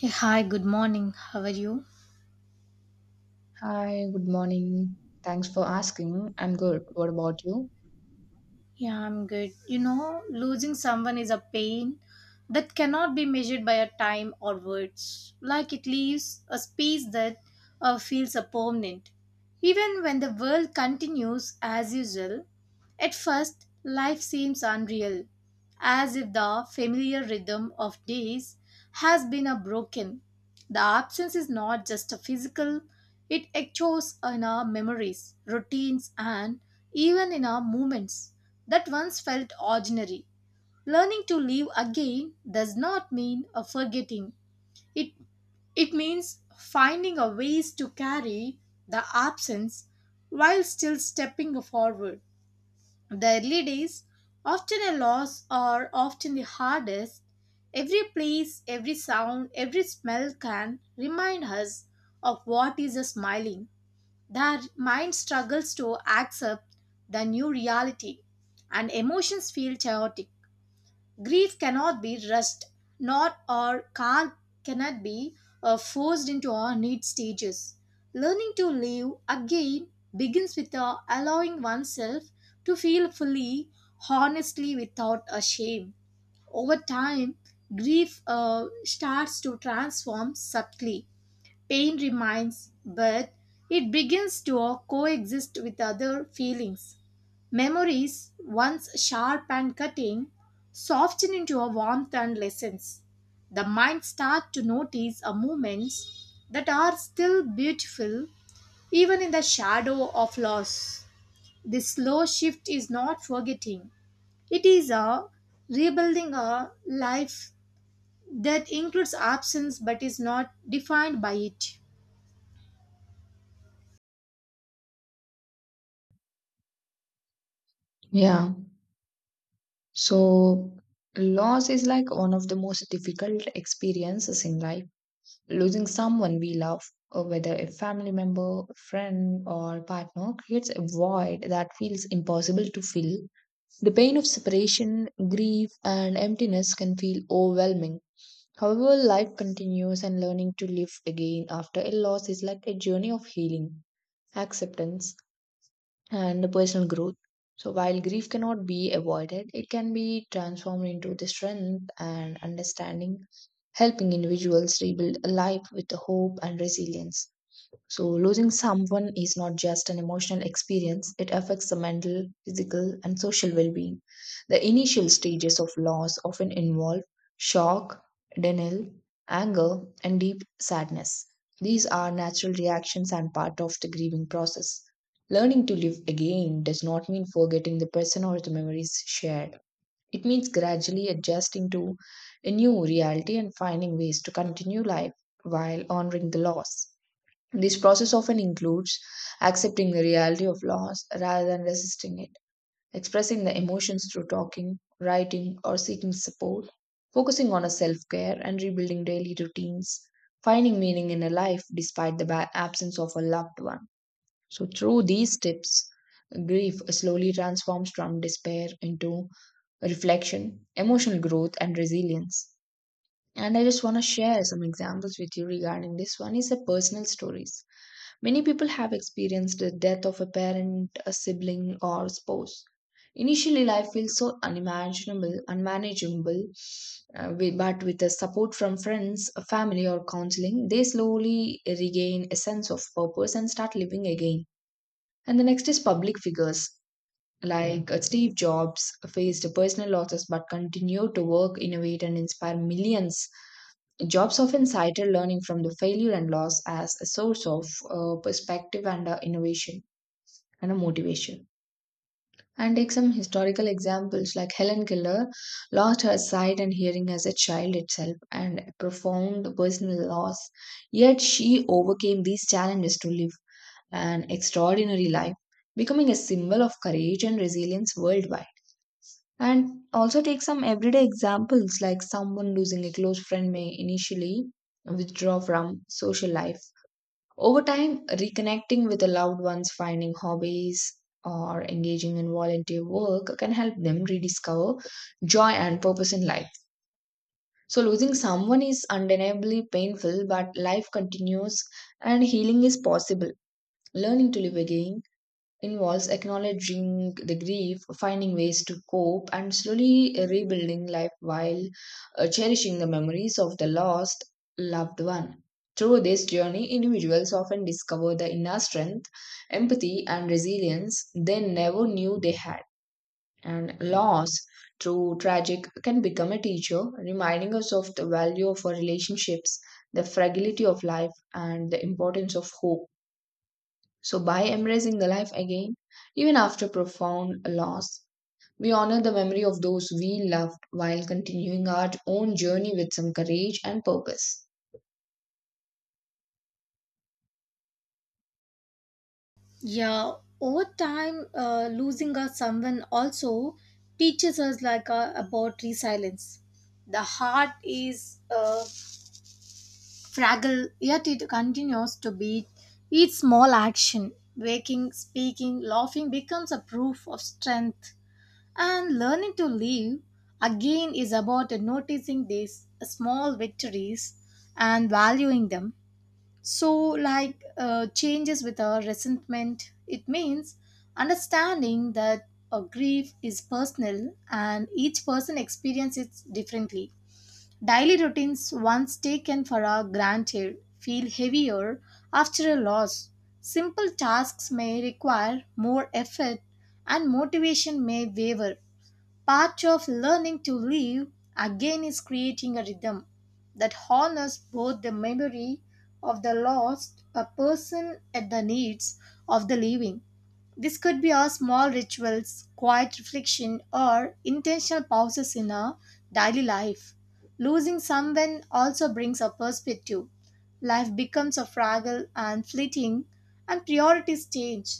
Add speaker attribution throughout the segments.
Speaker 1: Hey, hi, good morning. How are you?
Speaker 2: Hi, good morning. Thanks for asking. I'm good. What about you?
Speaker 1: Yeah, I'm good. You know, losing someone is a pain that cannot be measured by a time or words. Like it leaves a space that feels a permanent. Even when the world continues as usual, at first life seems unreal, as if the familiar rhythm of days has been a broken. The absence is not just a physical, it echoes in our memories, routines, and even in our movements that once felt ordinary. Learning to live again does not mean a forgetting. It it means finding a ways to carry the absence while still stepping forward. The early days, often a loss, are often the hardest. Every place, every sound, every smell can remind us of what is a smiling. Their mind struggles to accept the new reality and emotions feel chaotic. Grief cannot be rushed, not or calm cannot be forced into our need stages. Learning to live again begins with allowing oneself to feel fully, honestly, without a shame. Over time, grief starts to transform subtly. Pain remains, but it begins to coexist with other feelings. Memories, once sharp and cutting, soften into a warmth and lessons. The mind starts to notice a moments that are still beautiful even in the shadow of loss. This slow shift is not forgetting. It is a rebuilding a life that includes absence but is not defined by it.
Speaker 2: Yeah. So, loss is like one of the most difficult experiences in life. Losing someone we love, or whether a family member, friend, or partner, creates a void that feels impossible to fill. The pain of separation, grief, and emptiness can feel overwhelming. However, life continues, and learning to live again after a loss is like a journey of healing, acceptance and the personal growth. So, while grief cannot be avoided, it can be transformed into the strength and understanding, helping individuals rebuild a life with the hope and resilience. So, losing someone is not just an emotional experience, it affects the mental, physical, and social well being. The initial stages of loss often involve shock, denial, anger, and deep sadness. These are natural reactions and part of the grieving process. Learning to live again does not mean forgetting the person or the memories shared. It means gradually adjusting to a new reality and finding ways to continue life while honoring the loss. This process often includes accepting the reality of loss rather than resisting it, expressing the emotions through talking, writing, or seeking support, focusing on a self care and rebuilding daily routines, finding meaning in a life despite the absence of a loved one. So, through these steps, grief slowly transforms from despair into reflection, emotional growth, and resilience. And I just want to share some examples with you regarding this one is a personal stories. Many people have experienced the death of a parent, a sibling, or spouse. Initially, life feels so unimaginable, unmanageable, but with the support from friends, a family, or counseling, they slowly regain a sense of purpose and start living again. And the next is public figures. Like Steve Jobs faced personal losses but continued to work, innovate, and inspire millions. Jobs often cited learning from the failure and loss as a source of perspective and innovation and a motivation. And take some historical examples like Helen Keller lost her sight and hearing as a child itself and a profound personal loss. Yet she overcame these challenges to live an extraordinary life, becoming a symbol of courage and resilience worldwide. And also take some everyday examples like someone losing a close friend may initially withdraw from social life. Over time, reconnecting with the loved ones, finding hobbies, or engaging in volunteer work can help them rediscover joy and purpose in life. So, losing someone is undeniably painful, but life continues and healing is possible. Learning to live again involves acknowledging the grief, finding ways to cope, and slowly rebuilding life while cherishing the memories of the lost loved one. Through this journey, individuals often discover the inner strength, empathy, and resilience they never knew they had. And loss, through tragic, can become a teacher, reminding us of the value of our relationships, the fragility of life, and the importance of hope. So, by embracing the life again, even after profound loss, we honor the memory of those we loved while continuing our own journey with some courage and purpose.
Speaker 1: Yeah, over time, losing a someone also teaches us like about resilience. The heart is fragile, yet it continues to beat. Each small action, waking, speaking, laughing, becomes a proof of strength. And learning to live again is about noticing these small victories and valuing them so, like changes with our resentment, it means understanding that a grief is personal and each person experiences it differently. Daily routines, once taken for a granted, feel heavier after a loss. Simple tasks may require more effort and motivation may waver. Part of learning to live again is creating a rhythm that honors both the memory of the lost a person and the needs of the living. This could be our small rituals, quiet reflection, or intentional pauses in our daily life. Losing someone also brings a perspective. Life becomes a fragile and fleeting, and priorities change.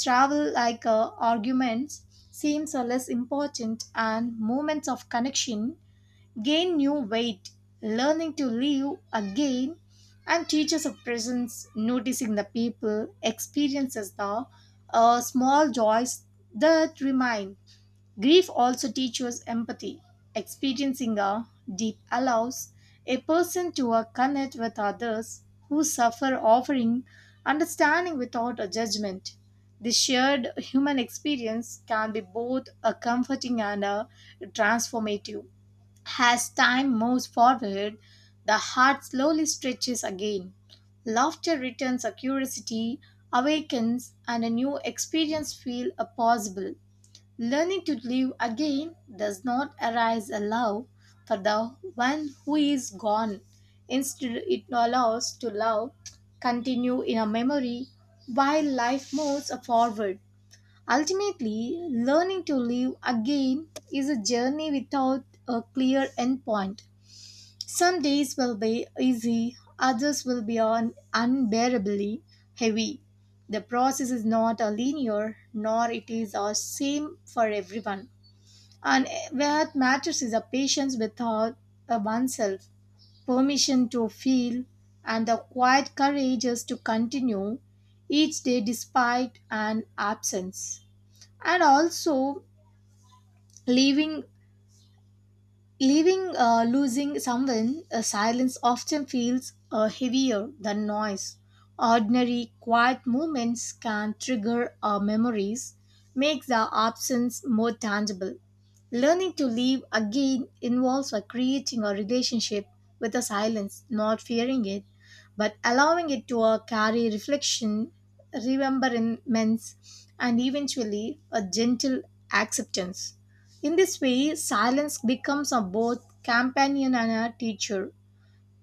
Speaker 1: Travel like arguments seems less important and moments of connection gain new weight. Learning to live again and teachers of presence, noticing the people, experiences the small joys that remain. Grief also teaches empathy. Experiencing a deep allows a person to connect with others who suffer, offering understanding without a judgment. This shared human experience can be both a comforting and a transformative. As time moves forward, the heart slowly stretches again. Laughter returns, a curiosity awakens, and a new experience feel possible. Learning to live again does not arise a love for the one who is gone. Instead, it allows to love continue in a memory while life moves forward. Ultimately, learning to live again is a journey without a clear endpoint. Some days will be easy, others will be unbearably heavy. The process is not a linear, nor it is the same for everyone. And what matters is a patience with oneself, permission to feel, and the quiet courage is to continue each day despite an absence. And also, leaving Leaving, losing someone, silence often feels heavier than noise. Ordinary, quiet moments can trigger our memories, makes the absence more tangible. Learning to live again involves creating a relationship with the silence, not fearing it, but allowing it to carry reflection, remembrance, and eventually a gentle acceptance. In this way, silence becomes a both companion and a teacher.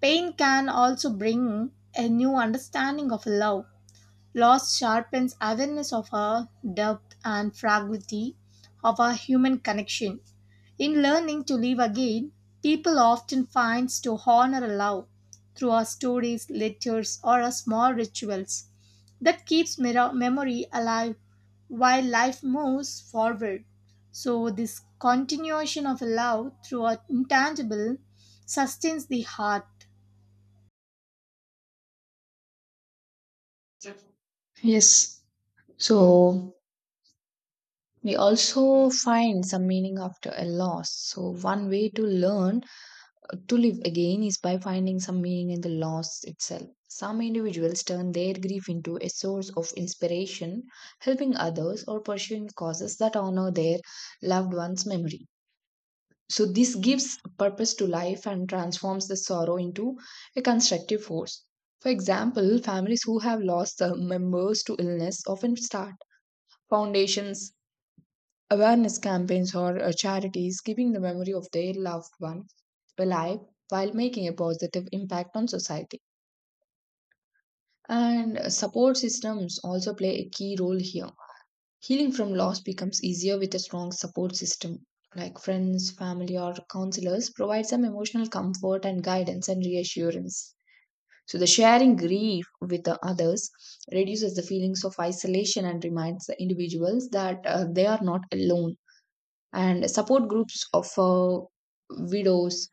Speaker 1: Pain can also bring a new understanding of love. Loss sharpens awareness of our depth and fragility of our human connection. In learning to live again, people often find to honor a love through our stories, letters, or our small rituals. That keeps memory alive while life moves forward. So, this continuation of love through our intangible sustains the heart.
Speaker 2: Yes. So, we also find some meaning after a loss. So, one way to learn to live again is by finding some meaning in the loss itself. Some individuals turn their grief into a source of inspiration, helping others or pursuing causes that honor their loved one's memory. So, this gives purpose to life and transforms the sorrow into a constructive force. For example, families who have lost members to illness often start foundations, awareness campaigns, or charities keeping the memory of their loved one alive while making a positive impact on society. And support systems also play a key role here. Healing from loss becomes easier with a strong support system like friends, family, or counselors provide some emotional comfort and guidance and reassurance. So the sharing grief with the others reduces the feelings of isolation and reminds the individuals that they are not alone. And support groups offer widows,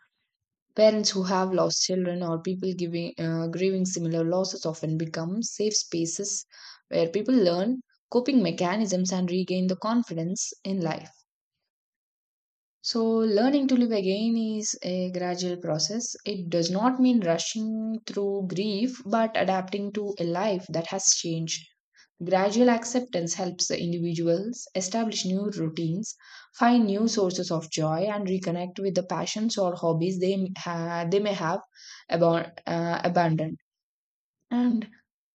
Speaker 2: parents who have lost children, or people giving grieving similar losses often become safe spaces where people learn coping mechanisms and regain the confidence in life. So learning to live again is a gradual process. It does not mean rushing through grief but adapting to a life that has changed. Gradual acceptance helps the individuals establish new routines, find new sources of joy, and reconnect with the passions or hobbies they may have abandoned. And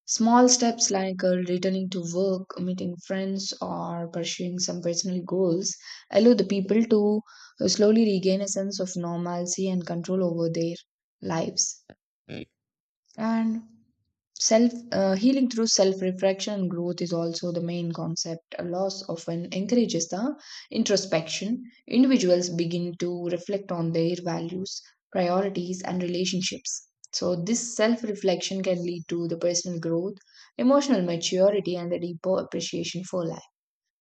Speaker 2: small steps like returning to work, meeting friends, or pursuing some personal goals allow the people to slowly regain a sense of normalcy and control over their lives. And self healing through self reflection and growth is also the main concept. A loss often encourages the introspection. Individuals begin to reflect on their values, priorities and relationships. So this self reflection can lead to the personal growth, emotional maturity and a deeper appreciation for life.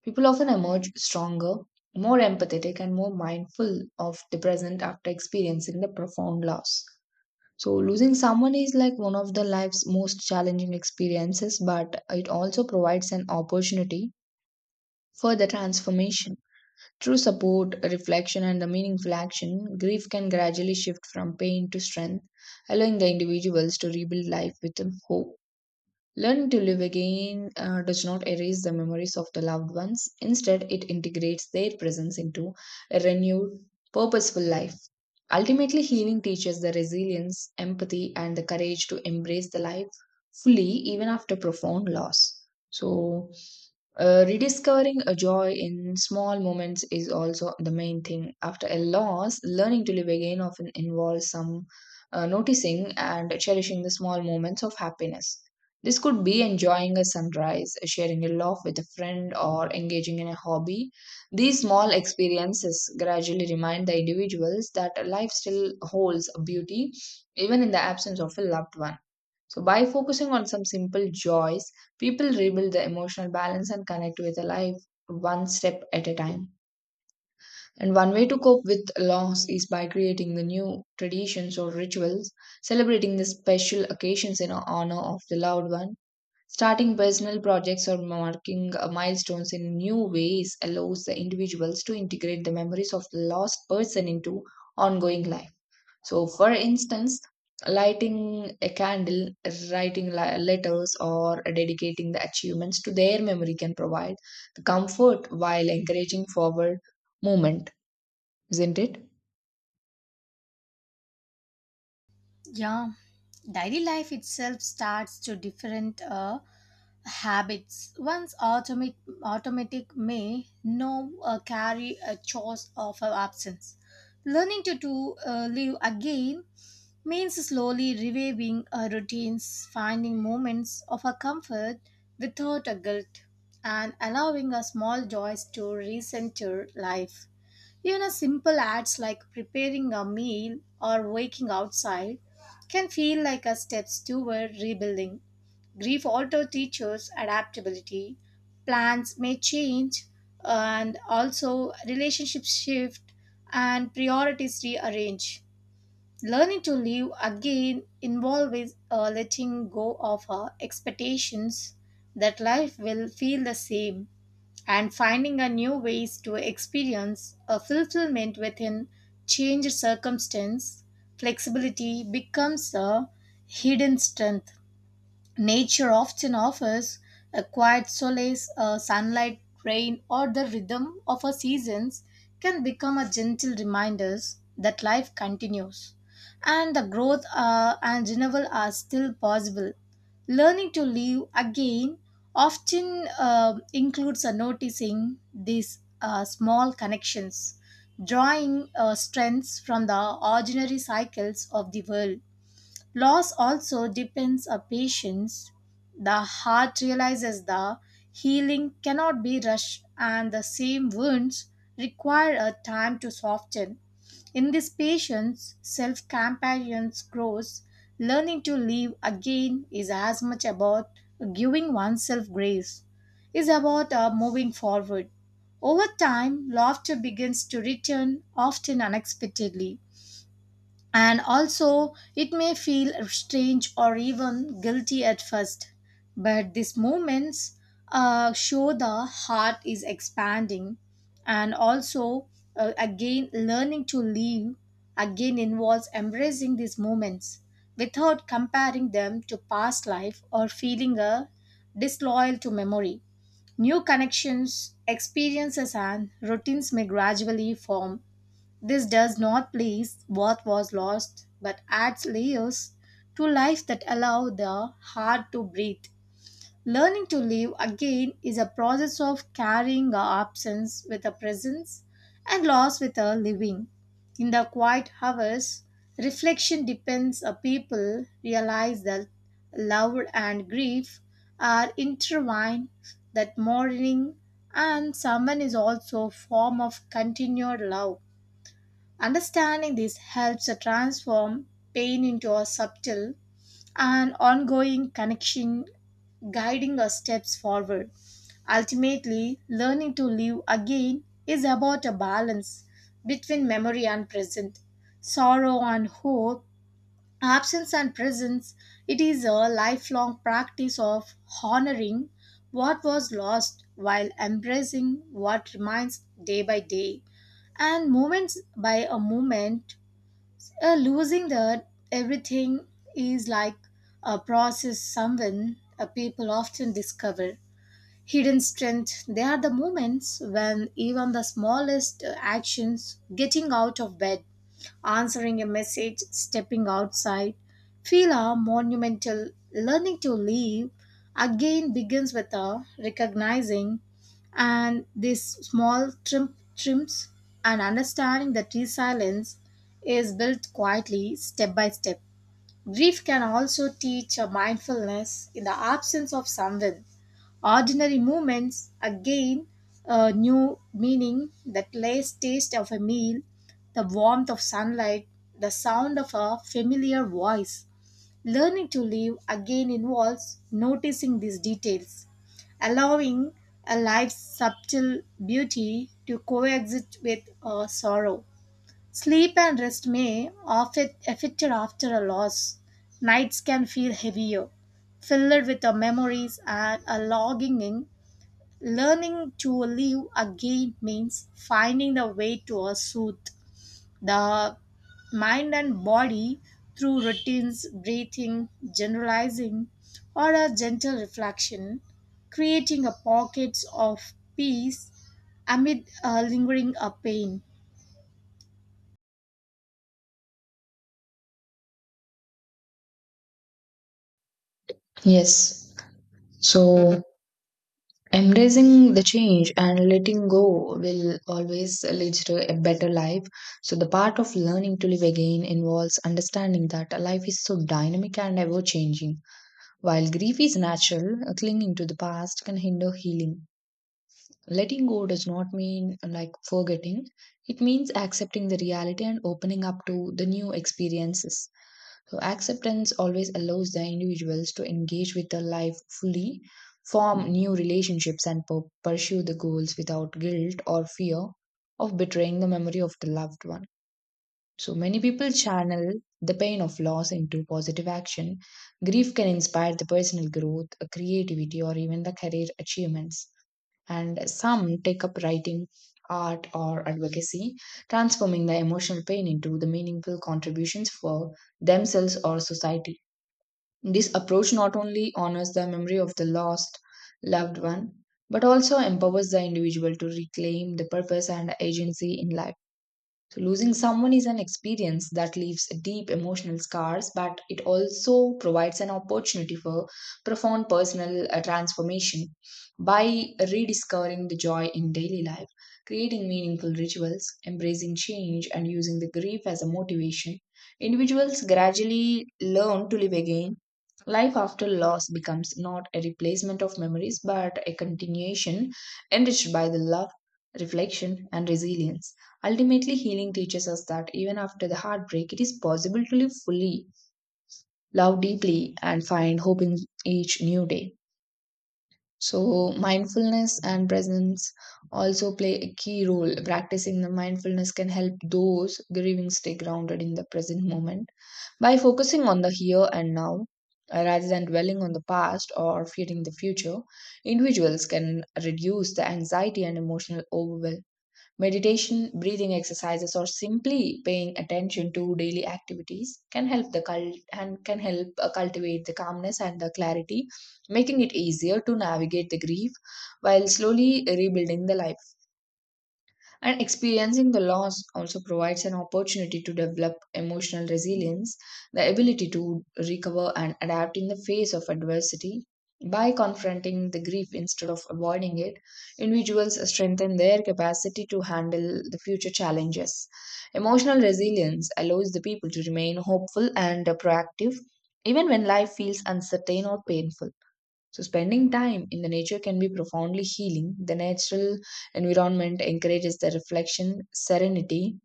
Speaker 2: People often emerge stronger, more empathetic and more mindful of the present after experiencing the profound loss. So losing someone is like one of the life's most challenging experiences, but it also provides an opportunity for the transformation. Through support, reflection, and the meaningful action, grief can gradually shift from pain to strength, allowing the individuals to rebuild life with hope. Learning to live again does not erase the memories of the loved ones. Instead, it integrates their presence into a renewed, purposeful life. Ultimately, healing teaches the resilience, empathy, and the courage to embrace the life fully, even after profound loss. So, rediscovering a joy in small moments is also the main thing. After a loss, learning to live again often involves some noticing and cherishing the small moments of happiness. This could be enjoying a sunrise, sharing a laugh with a friend, or engaging in a hobby. These small experiences gradually remind the individuals that life still holds beauty, even in the absence of a loved one. So, by focusing on some simple joys, people rebuild the emotional balance and connect with the life one step at a time. And one way to cope with loss is by creating the new traditions or rituals, celebrating the special occasions in honor of the loved one. Starting personal projects or marking milestones in new ways allows the individuals to integrate the memories of the lost person into ongoing life. So, for instance, lighting a candle, writing letters, or dedicating the achievements to their memory can provide the comfort while encouraging forward movement, isn't it?
Speaker 1: Yeah, daily life itself starts to different. Habits once automatic may no carry a choice of our absence learning to live again means slowly reviving our routines finding moments of our comfort without a guilt and allowing our small joys to recenter life even a simple acts like preparing a meal or waking outside can feel like a steps toward rebuilding. Grief alters teachers' adaptability, plans may change, and also relationships shift and priorities rearrange. Learning to live again involves letting go of our expectations that life will feel the same and finding a new ways to experience a fulfillment within changed circumstance. Flexibility becomes a hidden strength. Nature often offers a quiet solace, a sunlight, rain, or the rhythm of our seasons can become a gentle reminders that life continues and the growth and renewal are still possible. Learning to live again often includes a noticing these small connections, drawing strengths from the ordinary cycles of the world. Loss also depends on patience. The heart realizes the healing cannot be rushed and the same wounds require a time to soften. In this patience, self compassion grows. Learning to live again is as much about giving oneself grace, is about moving forward. Over time, laughter begins to return, often unexpectedly and also it may feel strange or even guilty at first but these moments show the heart is expanding and also again learning to live again involves embracing these moments without comparing them to past life or feeling a disloyal to memory new connections experiences and routines may gradually form this does not place what was lost but adds layers to life that allow the heart to breathe. Learning to live again is a process of carrying our absence with a presence and loss with a living. In the quiet hours, reflection depends a people realize that love and grief are intertwined, that mourning and someone is also a form of continued love. Understanding this helps to transform pain into a subtle and ongoing connection, guiding our steps forward. Ultimately, learning to live again is about a balance between memory and present, sorrow and hope, absence and presence it is a lifelong practice of honoring what was lost while embracing what remains day by day and moments by a moment losing the everything is like a process someone a people often discover hidden strength they are the moments when even the smallest actions getting out of bed answering a message, stepping outside, feel monumental. Learning to live again begins with a recognizing and these small trims and understanding that resilience is built quietly step by step. Grief can also teach a mindfulness in the absence of someone. Ordinary moments again a new meaning, the last taste of a meal, the warmth of sunlight, the sound of a familiar voice. Learning to live again involves noticing these details, allowing a life's subtle beauty to coexist with sorrow. Sleep and rest may often affected after a loss. Nights can feel heavier, filled with the memories and a longing. Learning to live again means finding the way to soothe the mind and body through routines, breathing, generalizing, or a gentle reflection, creating a pockets of peace amid a lingering a pain.
Speaker 2: Yes. So, embracing the change and letting go will always lead to a better life. So, the part of learning to live again involves understanding that life is so dynamic and ever changing. While grief is natural, clinging to the past can hinder healing. Letting go does not mean like forgetting, it means accepting the reality and opening up to the new experiences. So, acceptance always allows the individuals to engage with their life fully, form new relationships, and pursue the goals without guilt or fear of betraying the memory of the loved one. So, many people channel the pain of loss into positive action. Grief can inspire the personal growth, creativity, or even the career achievements and some take up writing, art, or advocacy, transforming the emotional pain into the meaningful contributions for themselves or society. This approach not only honors the memory of the lost loved one, but also empowers the individual to reclaim the purpose and agency in life. So losing someone is an experience that leaves deep emotional scars, but it also provides an opportunity for profound personal transformation by rediscovering the joy in daily life, creating meaningful rituals, embracing change, and using the grief as a motivation. Individuals gradually learn to live again. Life after loss becomes not a replacement of memories, but a continuation enriched by the love, reflection, and resilience. Ultimately, healing teaches us that even after the heartbreak, it is possible to live fully, love deeply, and find hope in each new day. So, mindfulness and presence also play a key role. Practicing the mindfulness can help those grieving stay grounded in the present moment by focusing on the here and now. Rather than dwelling on the past or fearing the future, individuals can reduce the anxiety and emotional overwhelm. Meditation, breathing exercises, or simply paying attention to daily activities can help the cult and can help cultivate the calmness and the clarity, making it easier to navigate the grief while slowly rebuilding the life. And experiencing the loss also provides an opportunity to develop emotional resilience, the ability to recover and adapt in the face of adversity. By confronting the grief instead of avoiding it, individuals strengthen their capacity to handle the future challenges. Emotional resilience allows the people to remain hopeful and proactive even when life feels uncertain or painful. So, spending time in the nature can be profoundly healing. The natural environment encourages the reflection, serenity,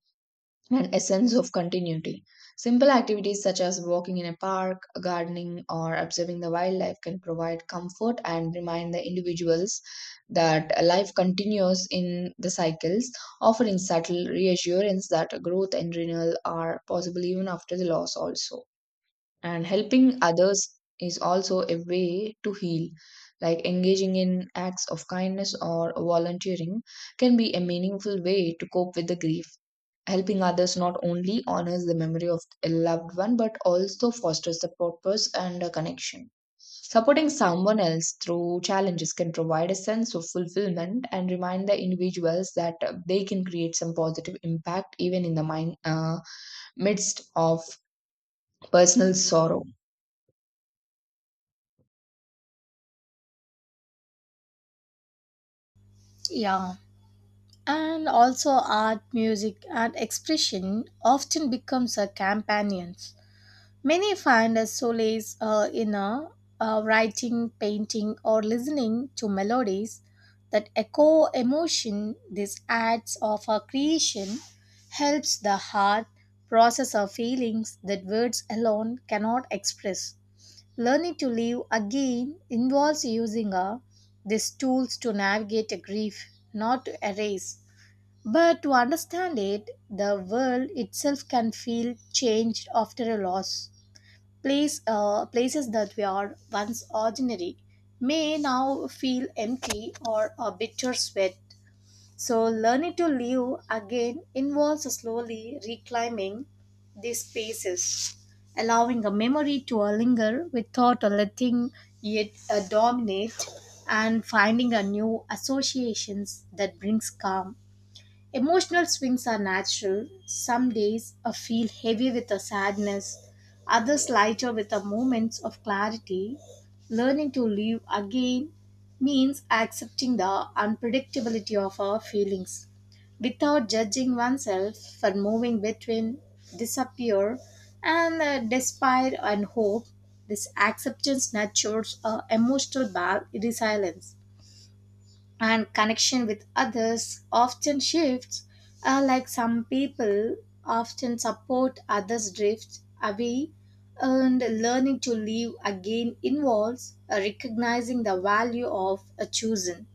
Speaker 2: and a sense of continuity. Simple activities such as walking in a park, gardening, or observing the wildlife can provide comfort and remind the individuals that life continues in the cycles, offering subtle reassurance that growth and renewal are possible even after the loss, also. And helping others is also a way to heal. Like engaging in acts of kindness or volunteering can be a meaningful way to cope with the grief. Helping others not only honors the memory of a loved one but also fosters the purpose and a connection. Supporting someone else through challenges can provide a sense of fulfillment and remind the individuals that they can create some positive impact even in the midst of personal sorrow.
Speaker 1: Yeah. And also art, music, and expression often becomes a companions. Many find a solace in writing, painting, or listening to melodies that echo emotion. These acts of creation helps the heart process our feelings that words alone cannot express. Learning to live again involves using these tools to navigate a grief, not to erase. But to understand it, the world itself can feel changed after a loss. Places that were once ordinary may now feel empty or a bittersweet. So, learning to live again involves slowly reclaiming these spaces, allowing a memory to linger without letting it dominate, and finding a new associations that brings calm. Emotional swings are natural. Some days I feel heavy with a sadness, others lighter with a moments of clarity. Learning to live again means accepting the unpredictability of our feelings without judging oneself for moving between disappear and despair and hope. This acceptance nurtures a resilience and connection with others often shifts like some people often support others drift away and learning to live again involves recognizing the value of a chosen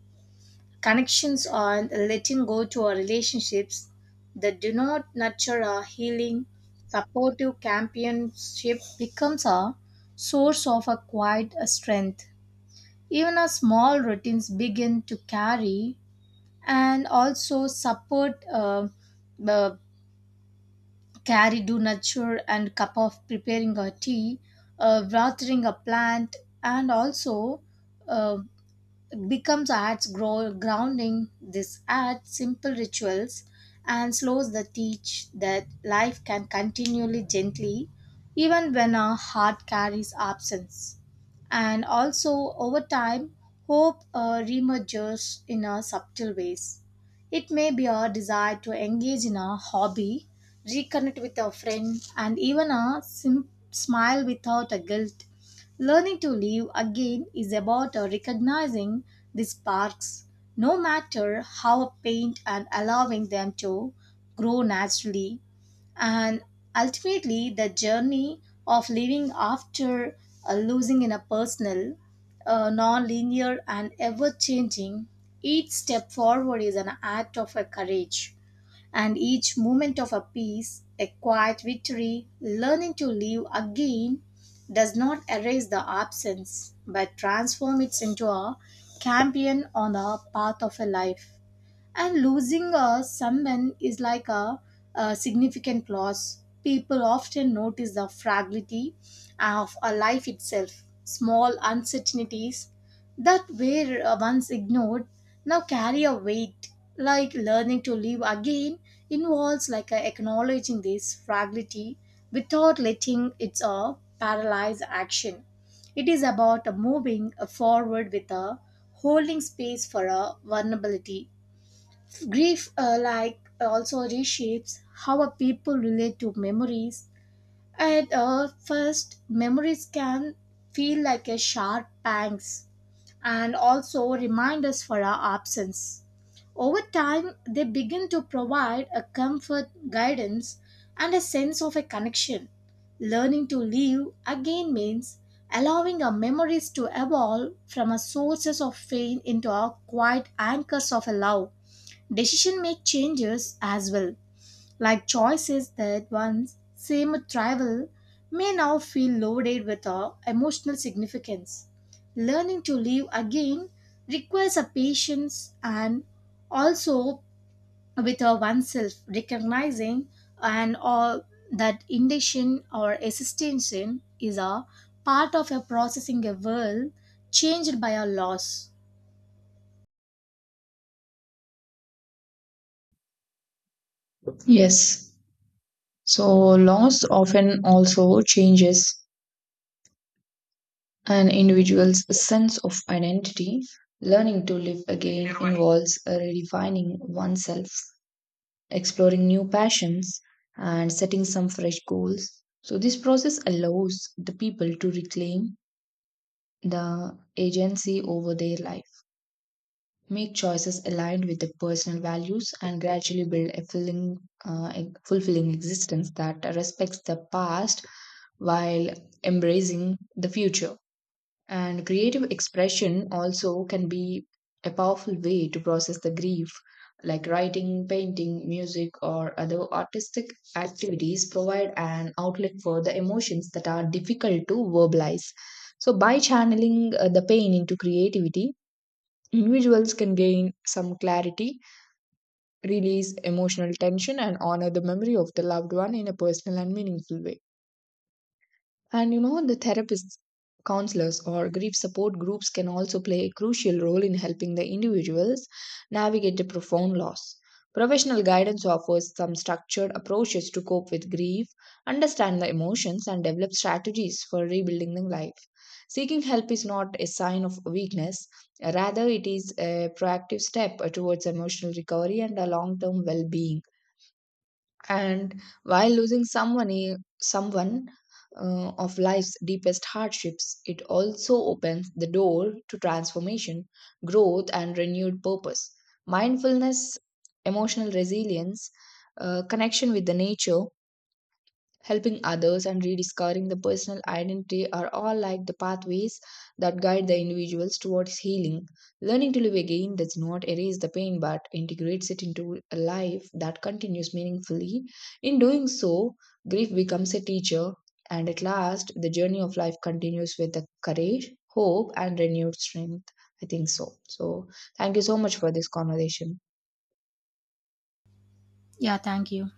Speaker 1: connections and letting go to our relationships that do not nurture our healing supportive companionship becomes a source of a quiet strength even our small routines begin to carry and also support the carry do nurture and cup of preparing a tea watering a plant and also uh, becomes arts grow, grounding this art simple rituals and slows the teach that life can continually gently even when our heart carries absence and also over time hope reemerges in a subtle ways it may be our desire to engage in a hobby reconnect with a friend and even a smile without a guilt. Learning to live again is about recognizing the sparks, no matter how faint, and allowing them to grow naturally. And ultimately, the journey of living after losing in a personal, non linear, and ever changing, each step forward is an act of a courage and each moment of a peace, a quiet victory, learning to live again does not erase the absence but transform it into a champion on the path of a life and losing someone is like a significant loss. People often notice the fragility of a life itself. Small uncertainties that were once ignored now carry a weight. Like learning to live again involves like acknowledging this fragility without letting it paralyze action. It is about moving forward with a holding space for a vulnerability. Grief also reshapes how a people relate to memories. At first, memories can feel like a sharp pangs and also remind us for our absence. Over time, they begin to provide a comfort, guidance, and a sense of a connection. Learning to live again means allowing our memories to evolve from a sources of pain into our quiet anchors of a love. Decision make changes as well, like choices that once seemed trivial may now feel loaded with emotional significance. Learning to live again requires a patience and also with oneself recognizing and all that indecision or assistance in is a part of a processing a world changed by a loss.
Speaker 2: Yes. So, loss often also changes an individual's sense of identity. Learning to live again involves redefining oneself, exploring new passions, and setting some fresh goals. So, this process allows the people to reclaim the agency over their life. Make choices aligned with the personal values and gradually build a fulfilling existence that respects the past while embracing the future. And creative expression also can be a powerful way to process the grief, like writing, painting, music, or other artistic activities provide an outlet for the emotions that are difficult to verbalize. So, by channeling the pain into creativity, individuals can gain some clarity, release emotional tension, and honor the memory of the loved one in a personal and meaningful way. And you know, the therapists, counselors, or grief support groups can also play a crucial role in helping the individuals navigate the profound loss. Professional guidance offers some structured approaches to cope with grief, understand the emotions, and develop strategies for rebuilding the life. Seeking help is not a sign of weakness, rather, it is a proactive step towards emotional recovery and a long term well being. And while someone of life's deepest hardships, it also opens the door to transformation, growth and renewed purpose. Mindfulness, emotional resilience, connection with the nature, helping others and rediscovering the personal identity are all like the pathways that guide the individuals towards healing. Learning to live again does not erase the pain but integrates it into a life that continues meaningfully. In doing so, grief becomes a teacher, and at last, the journey of life continues with the courage, hope, and renewed strength. I think so. So, thank you so much for this conversation.
Speaker 1: Yeah, thank you.